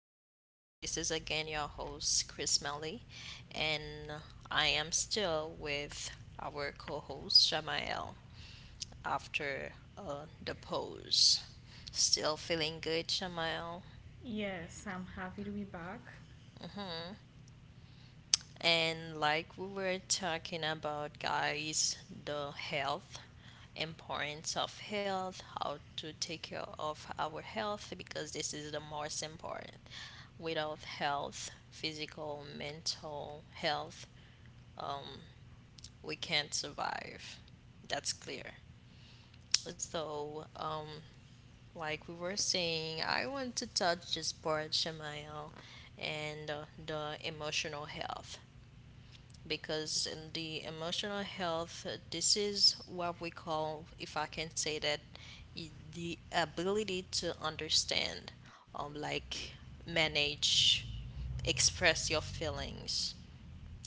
people, and this is again your host, Chris Melly, and I am still with our co host, Shamael, after the pose. Still feeling good, Shamael? Yes, I'm happy to be back. And like we were talking about, guys, the health, importance of health, how to take care of our health because this is the most important. Without health, physical, mental health, um, we can't survive. That's clear. So, like we were saying, I want to touch this part, Shamael, and the emotional health. Because in the emotional health, this is what we call, if I can say that, the ability to understand, like manage, express your feelings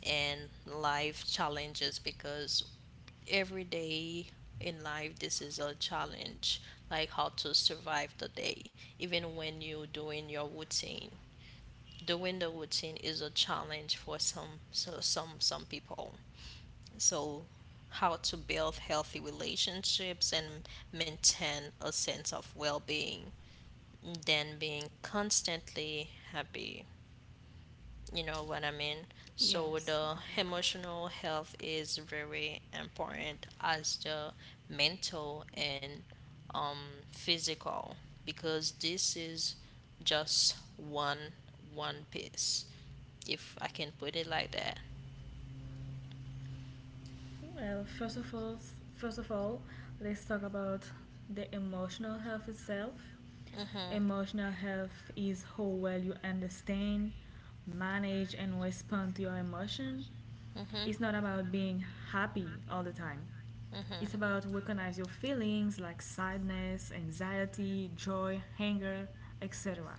and life challenges because every day in life this is a challenge, like how to survive the day even when you're doing your routine, doing the routine is a challenge for some, so some people. So, how to build healthy relationships and maintain a sense of well being than being constantly happy. You know what I mean? So, Yes, I the do. emotional health is very important as the mental and physical, because this is just one piece, if I can put it like that. Well, first of all, let's talk about the emotional health itself. Mhm. Emotional health is how well you understand, manage, and respond to your emotion. Mhm. It's not about being happy all the time. Mhm. It's about recognize your feelings like sadness, anxiety, joy, anger, etc.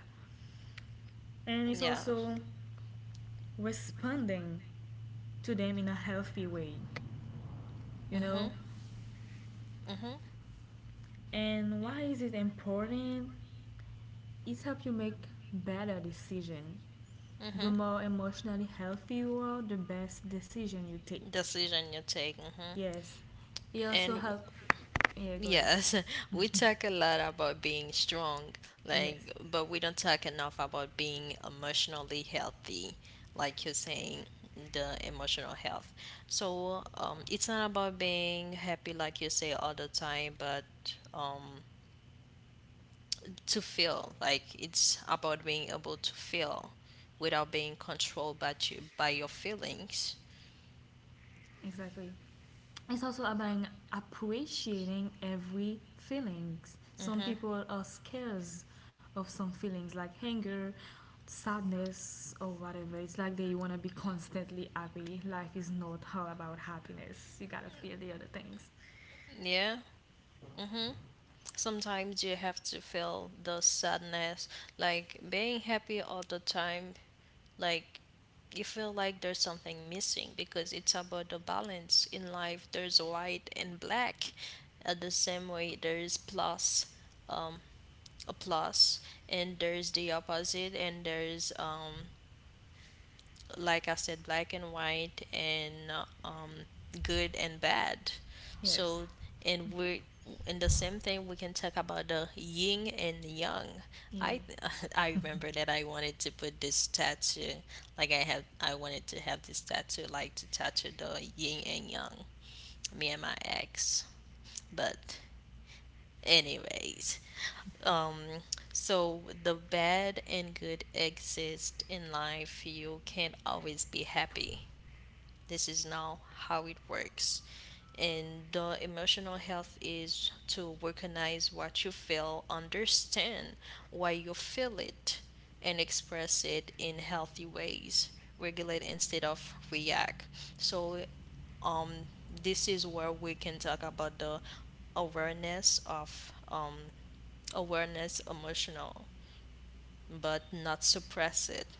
And it's Yeah. also responding to them in a healthy way, you know? Mhm. Mhm. And why is it important? It helps you make better decision. The Mhm. more emotionally healthy you are, the best decision you take. Decision you take. Mhm. Yes. It also And help yeah, go ahead. yes, we talk a lot about being strong, Yes. like, but we don't talk enough about being emotionally healthy, like you're saying, the emotional health. So, it's not about being happy, like you say all the time, but um, to feel like it's about being able to feel without being controlled by your feelings. Exactly, it's also about appreciating every feelings. Some Hmm. people are scared of some feelings like anger, sadness, or whatever. It's like they want to be constantly happy. Life is not all about happiness. You gotta feel the other things. Yeah. Hmm. Sometimes you have to feel the sadness, like being happy all the time, like you feel like there's something missing, because it's about the balance in life. There's white and black, at the same way there's plus, um a plus, and there's the opposite, and there's like I said, black and white, and good and bad. Yes. So, and we're in the same thing, we can talk about the yin and yang. Yeah. I I remember that I wanted to put this tattoo, like I wanted to have this tattoo, like to tattoo the yin and yang. Me and my ex, but anyways, um, so the bad and good exist in life. You can't always be happy, this is now how it works. And the emotional health is to recognize what you feel, understand why you feel it, and express it in healthy ways. Regulate instead of react. So, this is where we can talk about the awareness of awareness emotional, but not suppress it.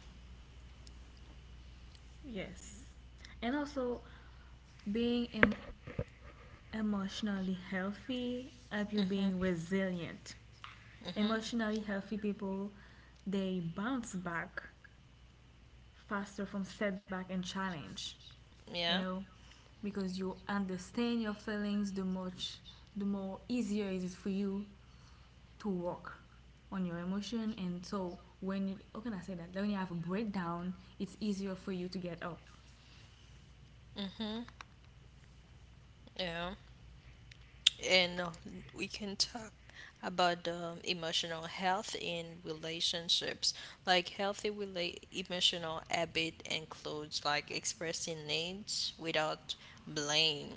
Yes, and also being emotionally healthy help you being Mm-hmm. resilient. Mm-hmm. Emotionally healthy people, they bounce back faster from setback and challenge, you Yeah. know, because you understand your feelings, the much the more easier it is for you to work on your emotion. And so when you, how can I say that, when you have a breakdown, it's easier for you to get up. Mm-hmm. Yeah. And we can talk about emotional health in relationships. Like emotional habit includes like expressing needs without blame.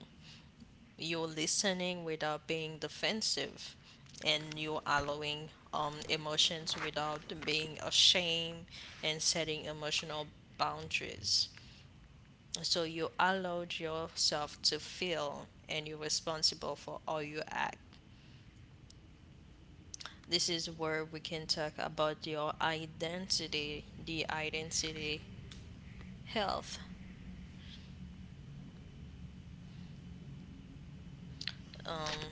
You're listening without being defensive, and you're allowing emotions without being ashamed and setting emotional boundaries. So you allowed yourself to feel, and you're responsible for all you act. This is where we can talk about your identity, the identity health. Um,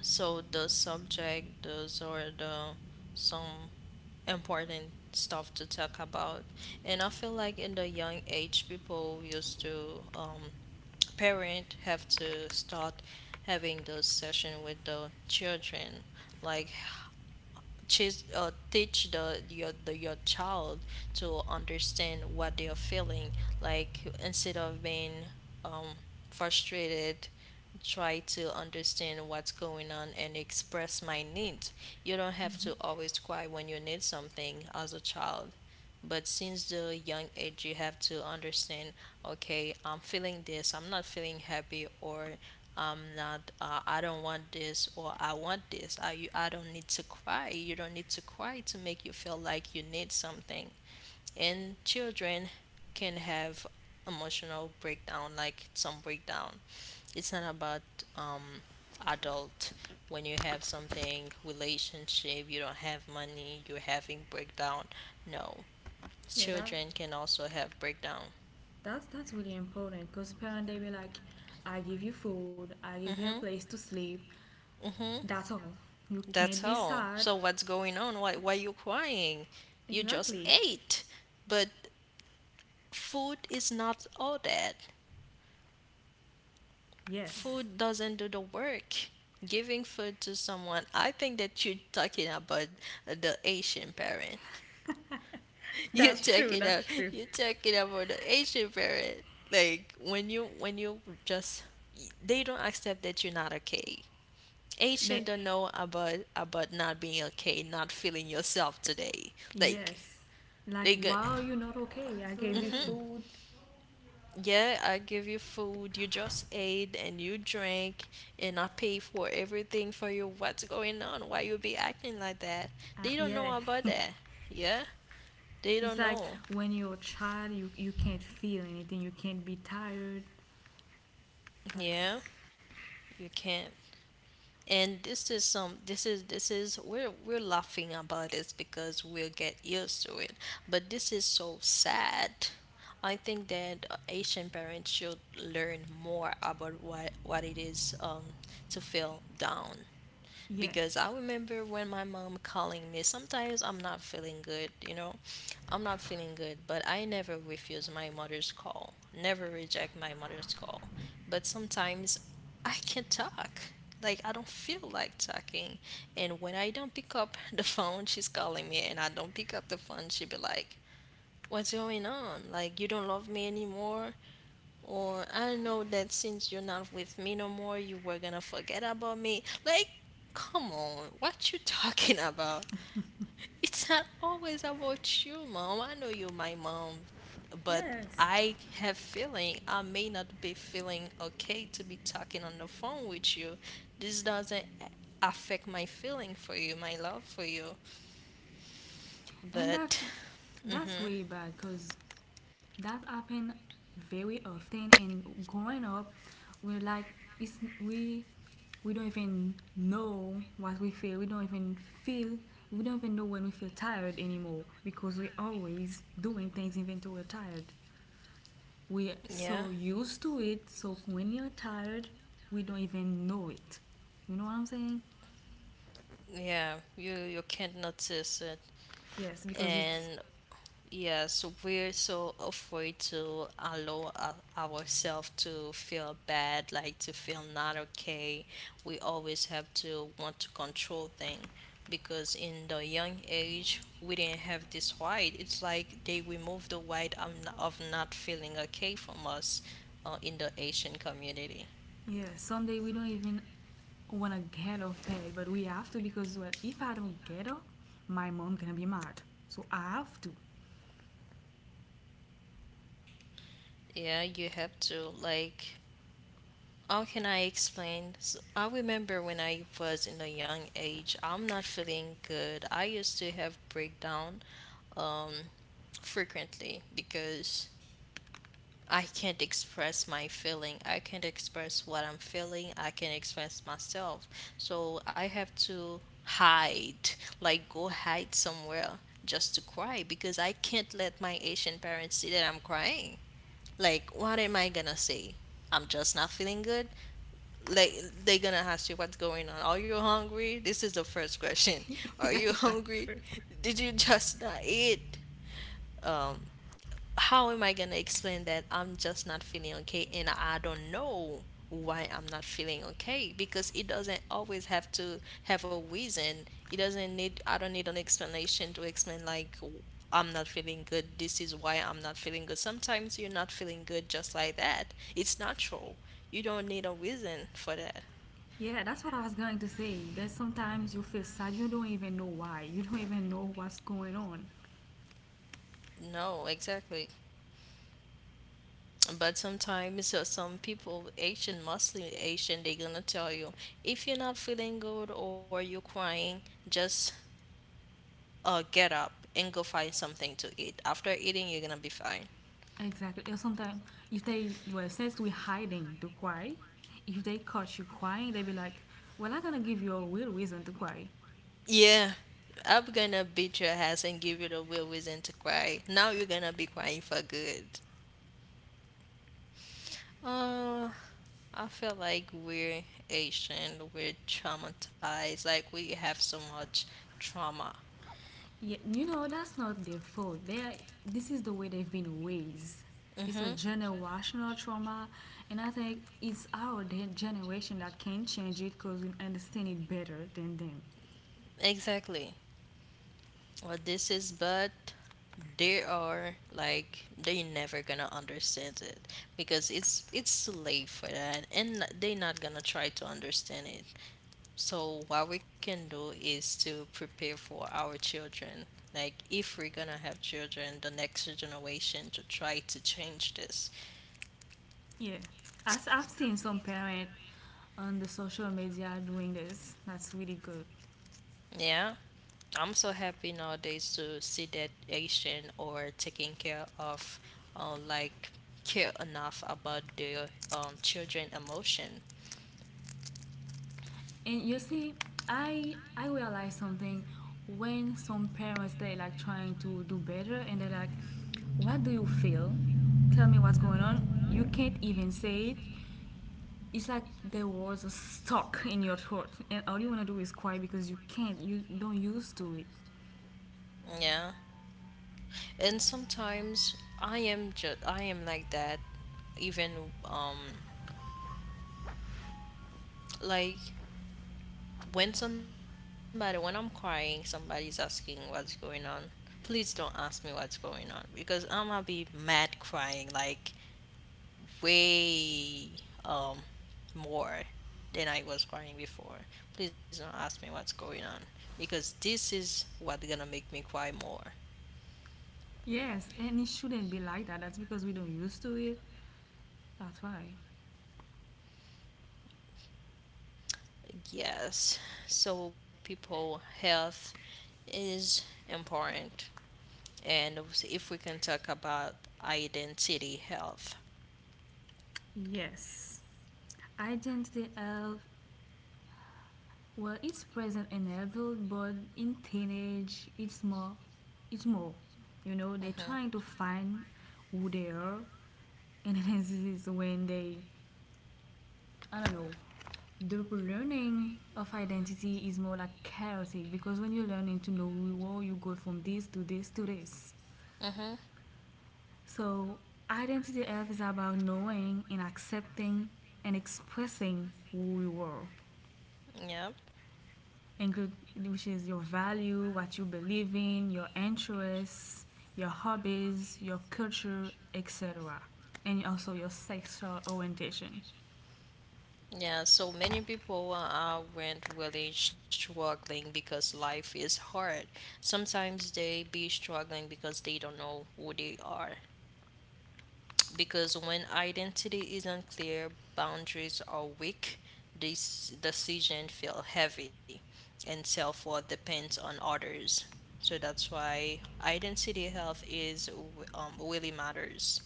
so the subject, those are the some important stuff to talk about. And I feel like in the young age, people used to parent have to start having those session with the children, like teach your child to understand what they are feeling, like instead of being um, frustrated, try to understand what's going on and express my needs. You don't have Mm-hmm. to always cry when you need something as a child, but since the young age, you have to understand, okay, I'm feeling this, I'm not feeling happy, or I don't want this, or I want this. I don't need to cry. You don't need to cry to make you feel like you need something. And children can have emotional breakdown, like some breakdown. It's not about um, adult, when you have something relationship you don't have money you're having breakdown. No, Yeah, that children can also have breakdown. that's that's really important because parents, they be like, I give you food, I give you a Mm-hmm. place to sleep, Mm-hmm. that's all, you can't That's be all. sad. So what's going on? Why you crying? You just Exactly. ate. But food is not all that. Yes. Food doesn't do the work. Giving food to someone, I think that you're talking about the Asian parent. You're That's true, talking about, that's true. you're talking about the Asian parent. Like when you just, they don't accept that you're not okay. Asian They don't know about not being okay, not feeling yourself today. Like Yes. Like, they go, wow, you're not okay. I gave you Absolutely. Food. yeah, I give you food, you just ate and you drank, and I pay for everything for you. What's going on? Why you be acting like that? They don't Yeah. know about that. Yeah, they It's don't like know. when you're a child, you can't feel anything. You can't be tired. That's, Yeah, you can't. And this is some this is we're laughing about this because we'll get used to it, but this is so sad. I think that asian parents should learn more about what it is to feel down, yeah. because I remember when my mom calling me. Sometimes I'm not feeling good, you know. I'm not feeling good, but I never refuse my mother's call. Never reject my mother's call. But sometimes I can't talk. Like I don't feel like talking. And when I don't pick up the phone, she's calling me and I don't pick up the phone, she be like, "What's going on? Like you don't love me anymore?" Or I know that since you're not with me no more, you were gonna forget about me. Like, come on, what you talking about? It's not always about you, mom. I know you're my mom, but Yes. I have feeling, I may not be feeling okay to be talking on the phone with you. This doesn't affect my feeling for you, my love for you. And that But that's mhm, really bad because that happened very often. And growing up, we're like, it's, we we don't even know what we feel. We don't even feel. We don't even know when we feel tired anymore because we're always doing things even though we're tired. We're yeah, so used to it, so when you're tired, we don't even know it. You know what I'm saying? yeah, you can't notice it. Yes, because it's And yes, we're so afraid to allow ourselves to feel bad, like to feel not okay. We always have to want to control things because in the young age we didn't have this right. It's like they removed the right of, of not feeling okay from us, in the Asian community. yeah, someday we don't even wanna get off bed, but we have to because well if I don't get up, my mom gonna be mad. So I have to. Yeah, you have to like, how can I explain? So I remember when I was in a young age, I'm not feeling good. I used to have breakdown um, frequently, because I can't express my feeling. I can't express what I'm feeling. I can't express myself. So I have to hide, like go hide somewhere just to cry because I can't let my Asian parents see that I'm crying. Like, what am I gonna say? I'm just not feeling good, like they're gonna ask you what's going on. Are you hungry? This is the first question. Are Yeah, you that's hungry? true. Did you just not eat? How am I gonna explain that I'm just not feeling okay and I don't know why I'm not feeling okay? Because it doesn't always have to have a reason. It doesn't need I don't need an explanation to explain, like I'm not feeling good. This is why I'm not feeling good. Sometimes you're not feeling good just like that. It's natural. You don't need a reason for that. Yeah, that's what I was going to say. That sometimes you feel sad, you don't even know why. You don't even know what's going on. No, exactly. But sometimes some people, Asian, mostly Asian, they gonna tell you, if you're not feeling good or you're crying, just get up and go find something to eat. After eating, you're gonna be fine. Exactly. Or sometimes if they well since we're hiding to cry, if they catch you crying, they be like, "Well, I'm gonna give you a real reason to cry." Yeah, I'm gonna beat your ass and give you the real reason to cry. Now you're gonna be crying for good. Uh, I feel like we're Asian, we're traumatized, like we have so much trauma. Yeah, you know that's not their fault. They are, this is the way they've been raised. It's a Mm-hmm. generational trauma, and I think it's our generation that can change it because we understand it better than them. Exactly. Well, this is, but they are like they never gonna understand it, because it's too late for that, and they not gonna try to understand it. So what we can do is to prepare for our children. Like if we're gonna have children, the next generation, to try to change this. Yeah, as I've seen some parents on the social media doing this. That's really good. Yeah. I'm so happy nowadays to see that Asian or taking care of, like care enough about their children emotion. And you see, I realize something when some parents they like trying to do better and they're like, "What do you feel? Tell me what's going on." You can't even say it. It's like the words are stuck in your throat, and all you wanna do is cry because you can't. You don't used to it. Yeah, and sometimes I am like that. Even like when somebody when I'm crying, somebody's asking what's going on. Please don't ask me what's going on because I'm gonna be mad crying, like way um more than I was crying before. Please don't ask me what's going on because this is what's gonna make me cry more. Yes, and it shouldn't be like that. That's because we don't used to it. That's why. Yes, so people, health is important, and if we can talk about identity health. Yes. Identity health, well, it's present in adult, but in teenage, it's more, it's more. You know, they're trying Mm-hmm. to find who they are, and this is when they, I don't know, the learning of identity is more like chaotic because when you're learning to know who you are, you go from this to this to this. Mm-hmm. So, identity F is about knowing and accepting and expressing who you are. Yep. Include which is your value, what you believe in, your interests, your hobbies, your culture, etc. And also your sexual orientation. Yeah, so many people went really struggling because life is hard. Sometimes they be struggling because they don't know who they are, because when identity is unclear, boundaries are weak, this decision feel heavy, and self-worth depends on others. So that's why identity health is really matters.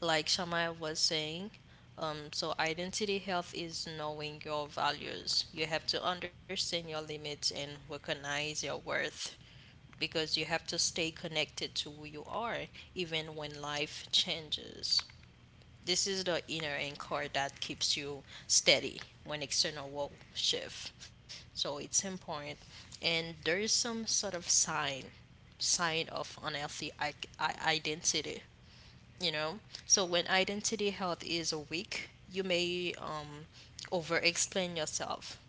Like Shamaya was saying, so identity health is knowing your values. You have to understand your limits and recognize your worth because you have to stay connected to who you are even when life changes. This is the inner anchor that keeps you steady when external world shift. So it's important. And there is some sort of sign of unhealthy identity, you know? So when identity health is weak, you may over explain yourself,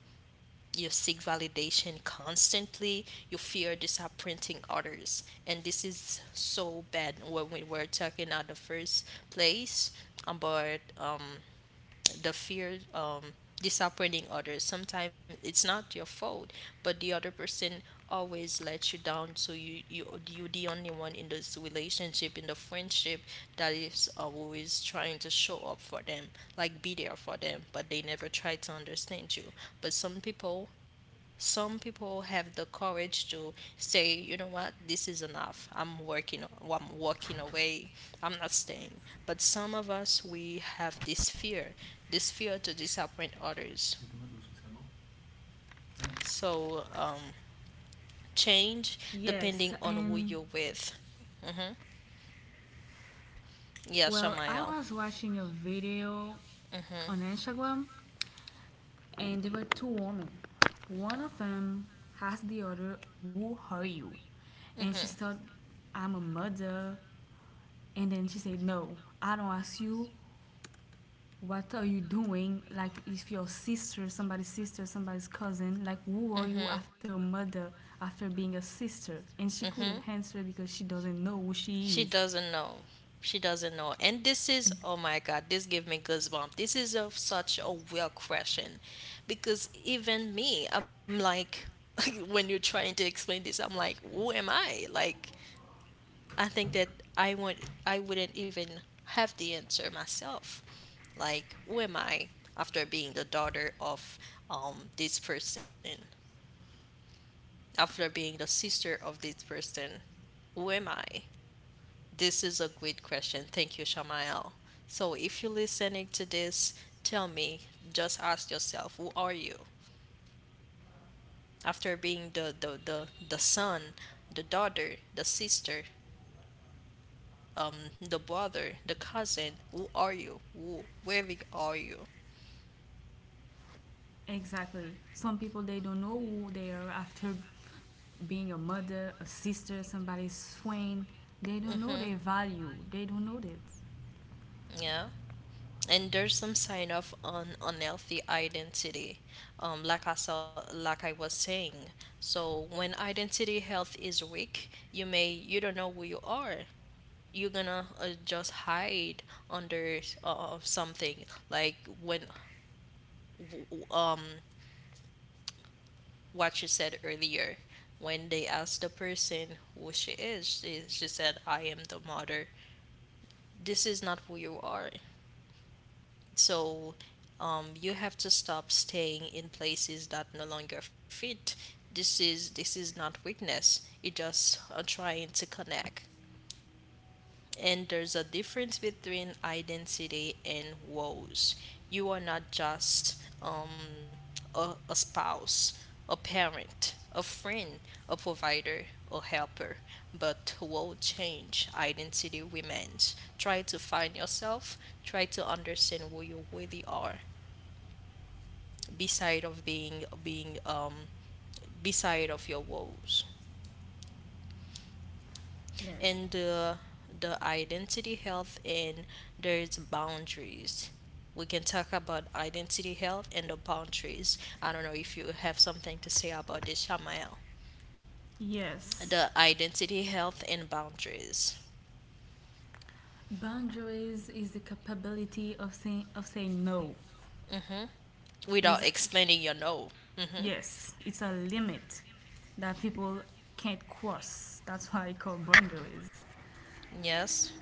you seek validation constantly. You fear disappointing others. And this is so bad when we were talking at the first place about the fear, disappointing others. Sometimes it's not your fault but the other person always lets you down, so you the only one in this relationship, in the friendship that is always trying to show up for them, like be there for them, but they never try to understand you. But some people have the courage to say, you know what, this is enough. I'm working, I'm walking away. I'm not staying. But some of us, we have this fear, this fear to disappoint others. So change depending Yes, on who and you're with. Yeah, well, I Shamaya. was watching a video on Instagram and there were two women. One of them asked the other, who are you? And she said, I'm a mother. And then she said, no, I don't ask you what are you doing? Like, if your sister, somebody's cousin, like, who are Mhm. you after a mother, after being a sister? And she couldn't Mhm. answer because she doesn't know who she She is. doesn't know. She doesn't know. And this is, oh my God, this give me goosebumps. This is a, such a weird question because even me, I'm like, when you're trying to explain this, I'm like, who am I? Like, I think that I wouldn't even have the answer myself. Like, who am I after being the daughter of this person? After being the sister of this person, who am I? This is a great question. Thank you, Shamael. So if you're listening to this, tell me, just ask yourself, who are you? After being the son, the daughter, the sister, um, the brother, the cousin. Who are you? Who, where we are you? Exactly. Some people, they don't know who they are after being a mother, a sister, somebody's friend. They don't know Mm-hmm. their value. They don't know that. Yeah. And there's some sign of unhealthy identity, like I saw, like I was saying. So when identity health is weak, you don't know who you are. You're gonna just hide under something. Like when w- w- um what you said earlier, when they asked the person who she is, she said I am the mother. This is not who you are. So you have to stop staying in places that no longer fit. This is not weakness, it's just trying to connect. And there's a difference between identity and woes. You are not just a spouse, a parent, a friend, a provider, a helper, but woe change. Identity remains. Try to find yourself. Try to understand who you really are beside of being being beside of your woes. Yes. And the identity health, and there's boundaries. We can talk about identity health and the boundaries. I don't know if you have something to say about this, Shamael. Yes. The identity health and boundaries. Boundaries is the capability of saying no. Hmm. Without Is explaining your no. Hmm. Yes, it's a limit that people can't cross. That's why I call boundaries. Yes.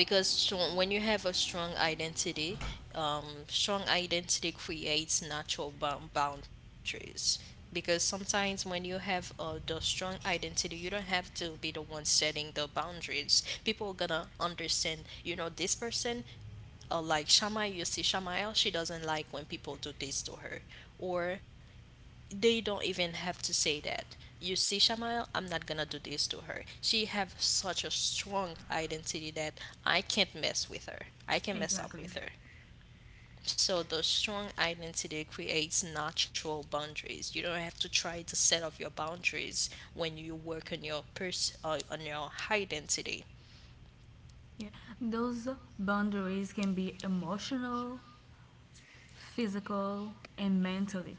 Because strong, when you have a strong identity, strong identity creates natural boundaries, because sometimes when you have the strong identity, you don't have to be the one setting the boundaries. People are gonna understand, you know this person, like shama, you see Shamael, she doesn't like when people do this to her, or they don't even have to say that. You see, Shamil, I'm not gonna do this to her. She have such a strong identity that I can't mess with her. I can mess up Exactly. with her. So the strong identity creates natural boundaries. You don't have to try to set up your boundaries when you work on your or on your identity. Yeah. Those boundaries can be emotional, physical, and mentally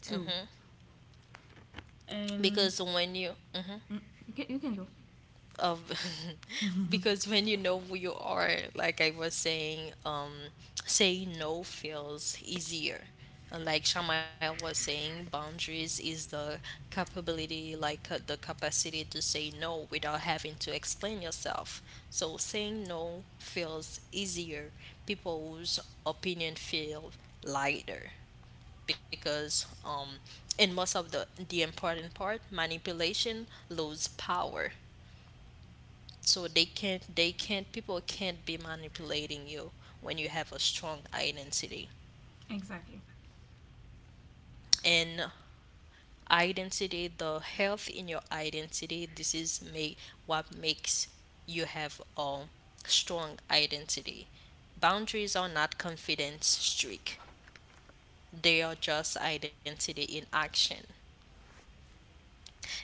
too. Because And when you mhm. mm, you can go. Of because when you know who you are, like I was saying, saying no feels easier. And like Shamaya was saying, boundaries is the capability, like the capacity to say no without having to explain yourself. So saying no feels easier. People's opinion feel lighter because in most of the important part, manipulation lose power. So they can't people can't be manipulating you when you have a strong identity. Exactly. And identity, the health in your identity, this is make, what makes you have a strong identity. Boundaries are not confidence streak, they are just identity in action.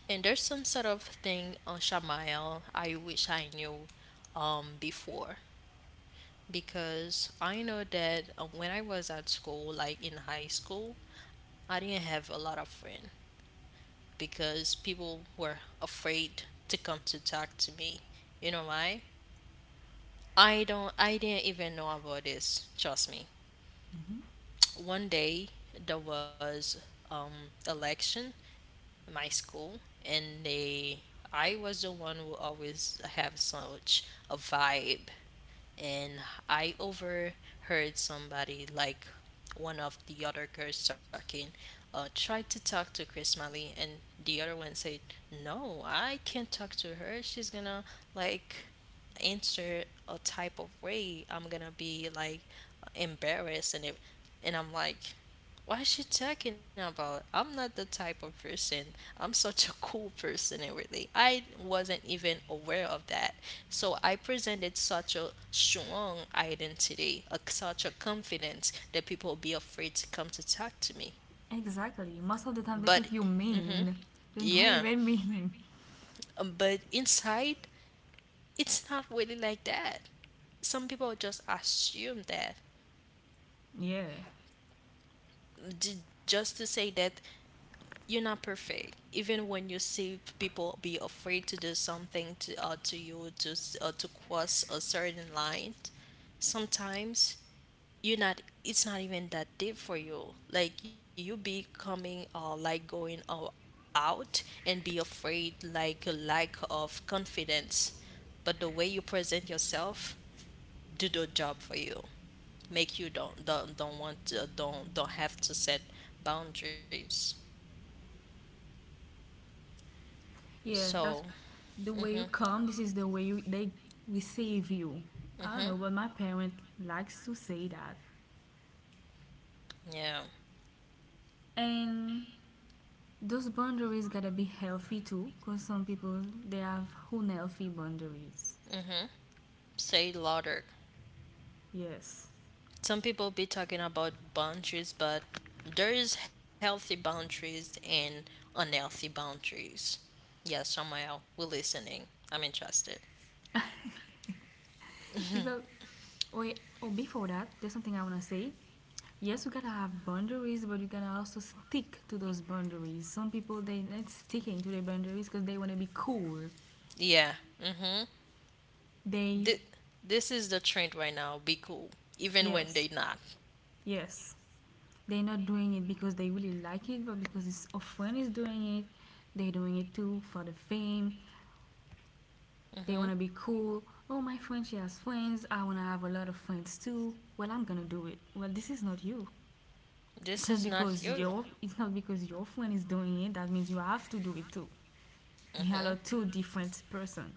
And there's some sort of thing on Shamael I wish I knew before, because I know that when I was at school, like in high school, I didn't have a lot of friends because people were afraid to come to talk to me. You know why? I don't. I didn't even know about this. Trust me. Mm-hmm. One day there was election in my school, and they. I was the one who always have such a vibe, and I overheard somebody, like one of the other girls talking, tried to talk to Chris Miley, and the other one said, "No, I can't talk to her. She's gonna like answer a type of way. I'm gonna be like embarrassed and it." And I'm like, what is she talking about? I'm not the type of person. I'm such a cool person, and really, I wasn't even aware of that. So I presented such a strong identity, such a confidence that people would be afraid to come to talk to me. Exactly. Most of the time But they think you mean. You're yeah, not even mean. But inside, it's not really like that. Some people just assume that, Yeah. Just to say that you're not perfect. Even when you see people be afraid to do something to you, to to cross a certain line, sometimes you're not, it's not even that deep for you. Like you becoming like going out and be afraid, like a lack of confidence. But the way you present yourself do the job for you, make you don't want to, don't have to set boundaries. Yeah, that's So the way you come. This is the way you, they receive you. I don't mm-hmm. know, but my parent likes to say that. Yeah, And those boundaries gotta be healthy too, because some people they have unhealthy boundaries. say louder. Yes. Some people be talking about boundaries, but there is healthy boundaries and unhealthy boundaries. Yeah, Samuel, we're listening. I'm interested. Is a or or before that, there's something I wanna say. Yes, you gotta have boundaries, but you gotta also stick to those boundaries. Some people they not sticking to their boundaries because they wanna be cool. Yeah. Mm-hmm. They Th- this is the trend right now. Be cool, even when yes, they not. yes. They're not doing it because they really like it, but because it's a friend is doing it. They're doing it too for the fame. They want to Mm-hmm. be cool. Oh, my friend, she has friends. I want to have a lot of friends too. Well, I'm gonna do it. Well, this is not you. It's This not is not because you. your it's not because your friend is doing it. That means you have to do it too. You Mm-hmm. are two different person.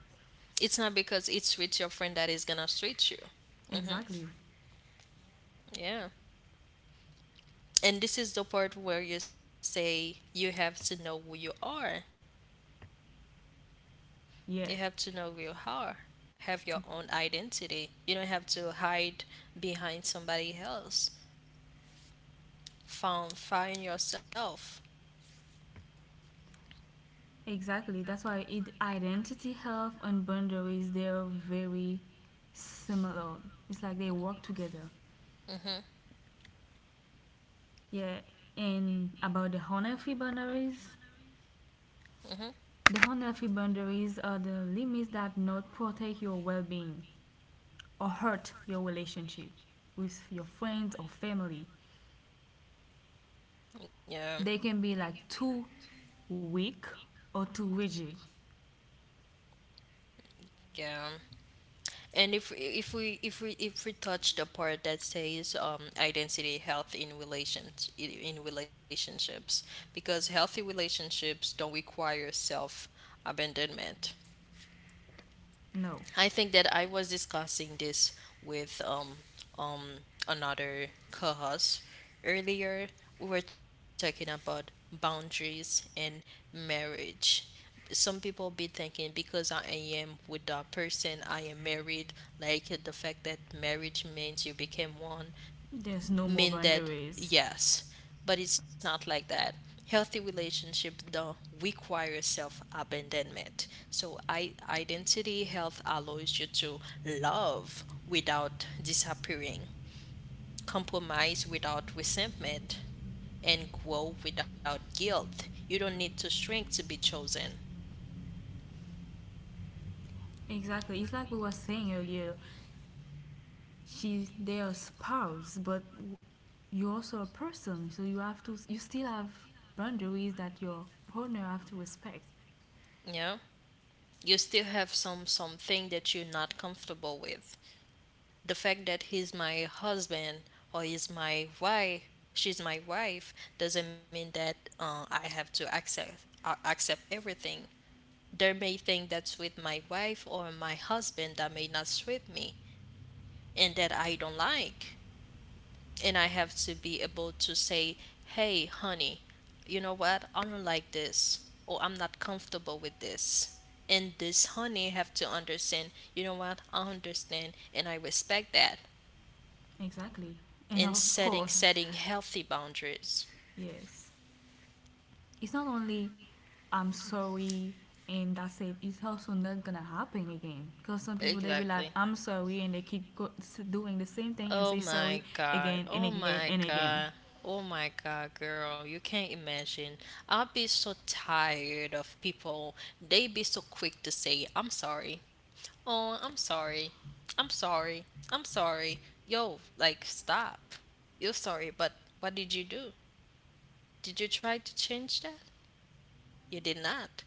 It's not because it's with your friend that is gonna treat you. Mm-hmm. Exactly. Yeah. And this is the part where you say you have to know who you are. You Yeah. have to know who you are. Have your own identity. You don't have to hide behind somebody else. Found find yourself. Exactly. That's why it, identity health and boundaries they're very similar. It's like they work together. Mhm. Yeah, and about the unhealthy boundaries. Mhm. The unhealthy boundaries are the limits that not protect your well-being or hurt your relationship with your friends or family. Yeah, They can be like too weak or too rigid. yeah. And if we touch the part that says identity health in relationships, because healthy relationships don't require self abandonment. No, I think that I was discussing this with um another co-host earlier. We were talking about boundaries and marriage. Some people be thinking because I am with that person, I am married. Like the fact that marriage means you became one there's no more mean that, boundaries. yes, but it's not like that. Healthy relationship don't require self-abandonment. So I, identity health allows you to love without disappearing, compromise without resentment, and grow without guilt. You don't need to shrink to be chosen. Exactly. It's like we were saying earlier. She, they are spouse, but you're also a person, so you have to. You still have boundaries that your partner have to respect. Yeah, you still have some something that you're not comfortable with. The fact that he's my husband or he's my wife, she's my wife doesn't mean that I have to accept everything. There may things that's with my wife or my husband that may not suit me and that I don't like, and I have to be able to say, hey honey, you know what, I don't like this, or I'm not comfortable with this. And this honey have to understand, you know what, I understand, and I respect that Exactly. And in of course, setting healthy boundaries. yes. It's not only I'm sorry and that's it. It's also not gonna happen again. Cause some people they be like Exactly. I'm sorry and they keep doing the same thing and Oh say my sorry god. again and Oh again my and again. god. Oh my god, girl. You can't imagine. I'll be so tired of people. They be so quick to say, "I'm sorry." Oh, I'm sorry. I'm sorry. I'm sorry. Yo, like stop. You're sorry, but what did you do? Did you try to change that? You did not.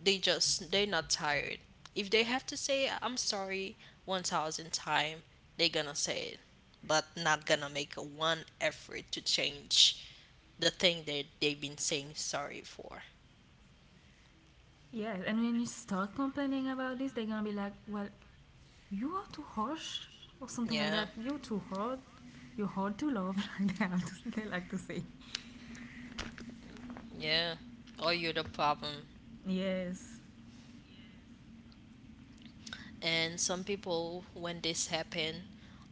They're not tired. If they have to say I'm sorry 1000 times, they're gonna say it, but not gonna make one effort to change the thing that they've been saying sorry for. Yes. And when you start complaining about this, they're gonna be like, well, you are too harsh or something like Yeah. that. You're too hard. You're hard to love. Like they have to, they like to say. Yeah. Or you're the problem. Yes. And some people when this happen,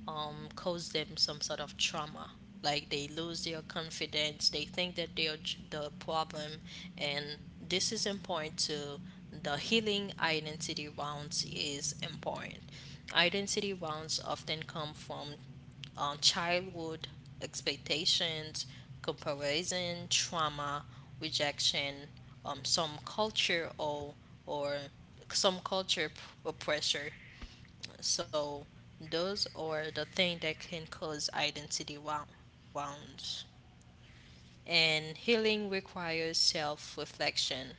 cause them some sort of trauma, like they lose their confidence, they think that they're the problem. And this is important to, the healing identity wounds is important. Identity wounds often come from childhood, expectations, comparison, trauma, rejection, some culture or some culture p- or pressure. So those are the things that can cause identity wounds. And healing requires self reflection.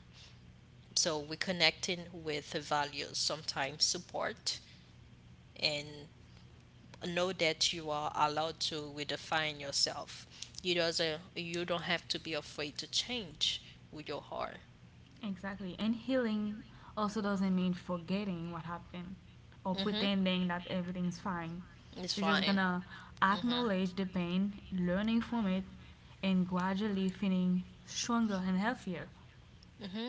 So we're connecting with the values, sometimes support, and know that you are allowed to redefine yourself. You don't have to be afraid to change who you are. Exactly. And healing also doesn't mean forgetting what happened or Mm-hmm. pretending that everything's fine. It's You're just fine. gonna acknowledge the pain, learning from it, and gradually feeling stronger and healthier. Mm-hmm.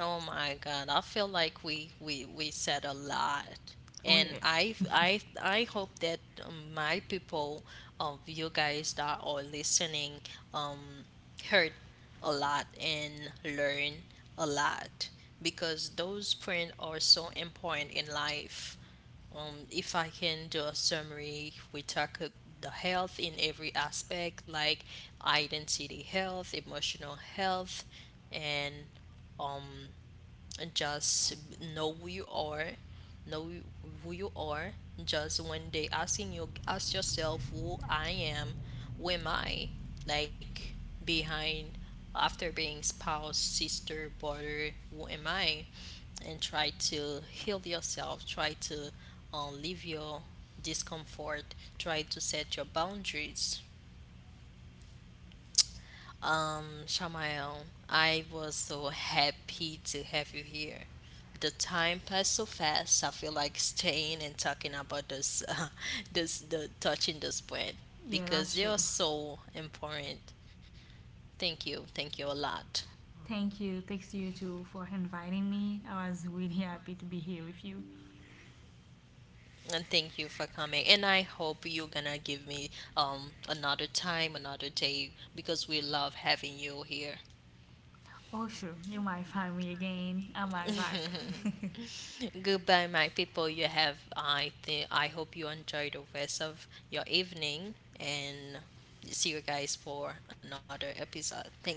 Oh my God, I feel like we said a lot. Oh, And yeah. I hope that my people of you guys that are listening um heard a lot and learn a lot, because those print are so important in life. If I can do a summary, we talk the health in every aspect, like identity health, emotional health, and um just know who you are, know who you are. Just when they asking, you ask yourself, who I am, who am I? Like behind, after being spouse, sister, brother, who am I? And try to heal yourself, try to leave your discomfort, try to set your boundaries. Um, Shamael, I was so happy to have you here. The time passed so fast. I feel like staying and talking about this, the touching this point, Yeah, because that's true. you're so important. Thank you a lot, Thank you. Thanks to you two for inviting me. I was really happy to be here with you. and thank you for coming. And I hope you're gonna give me another time, another day, because we love having you here. Oh, sure. You might find me again. Am I back? Goodbye, my people. You have, I think, I hope you enjoy the rest of your evening and see you guys for another episode. Thank you.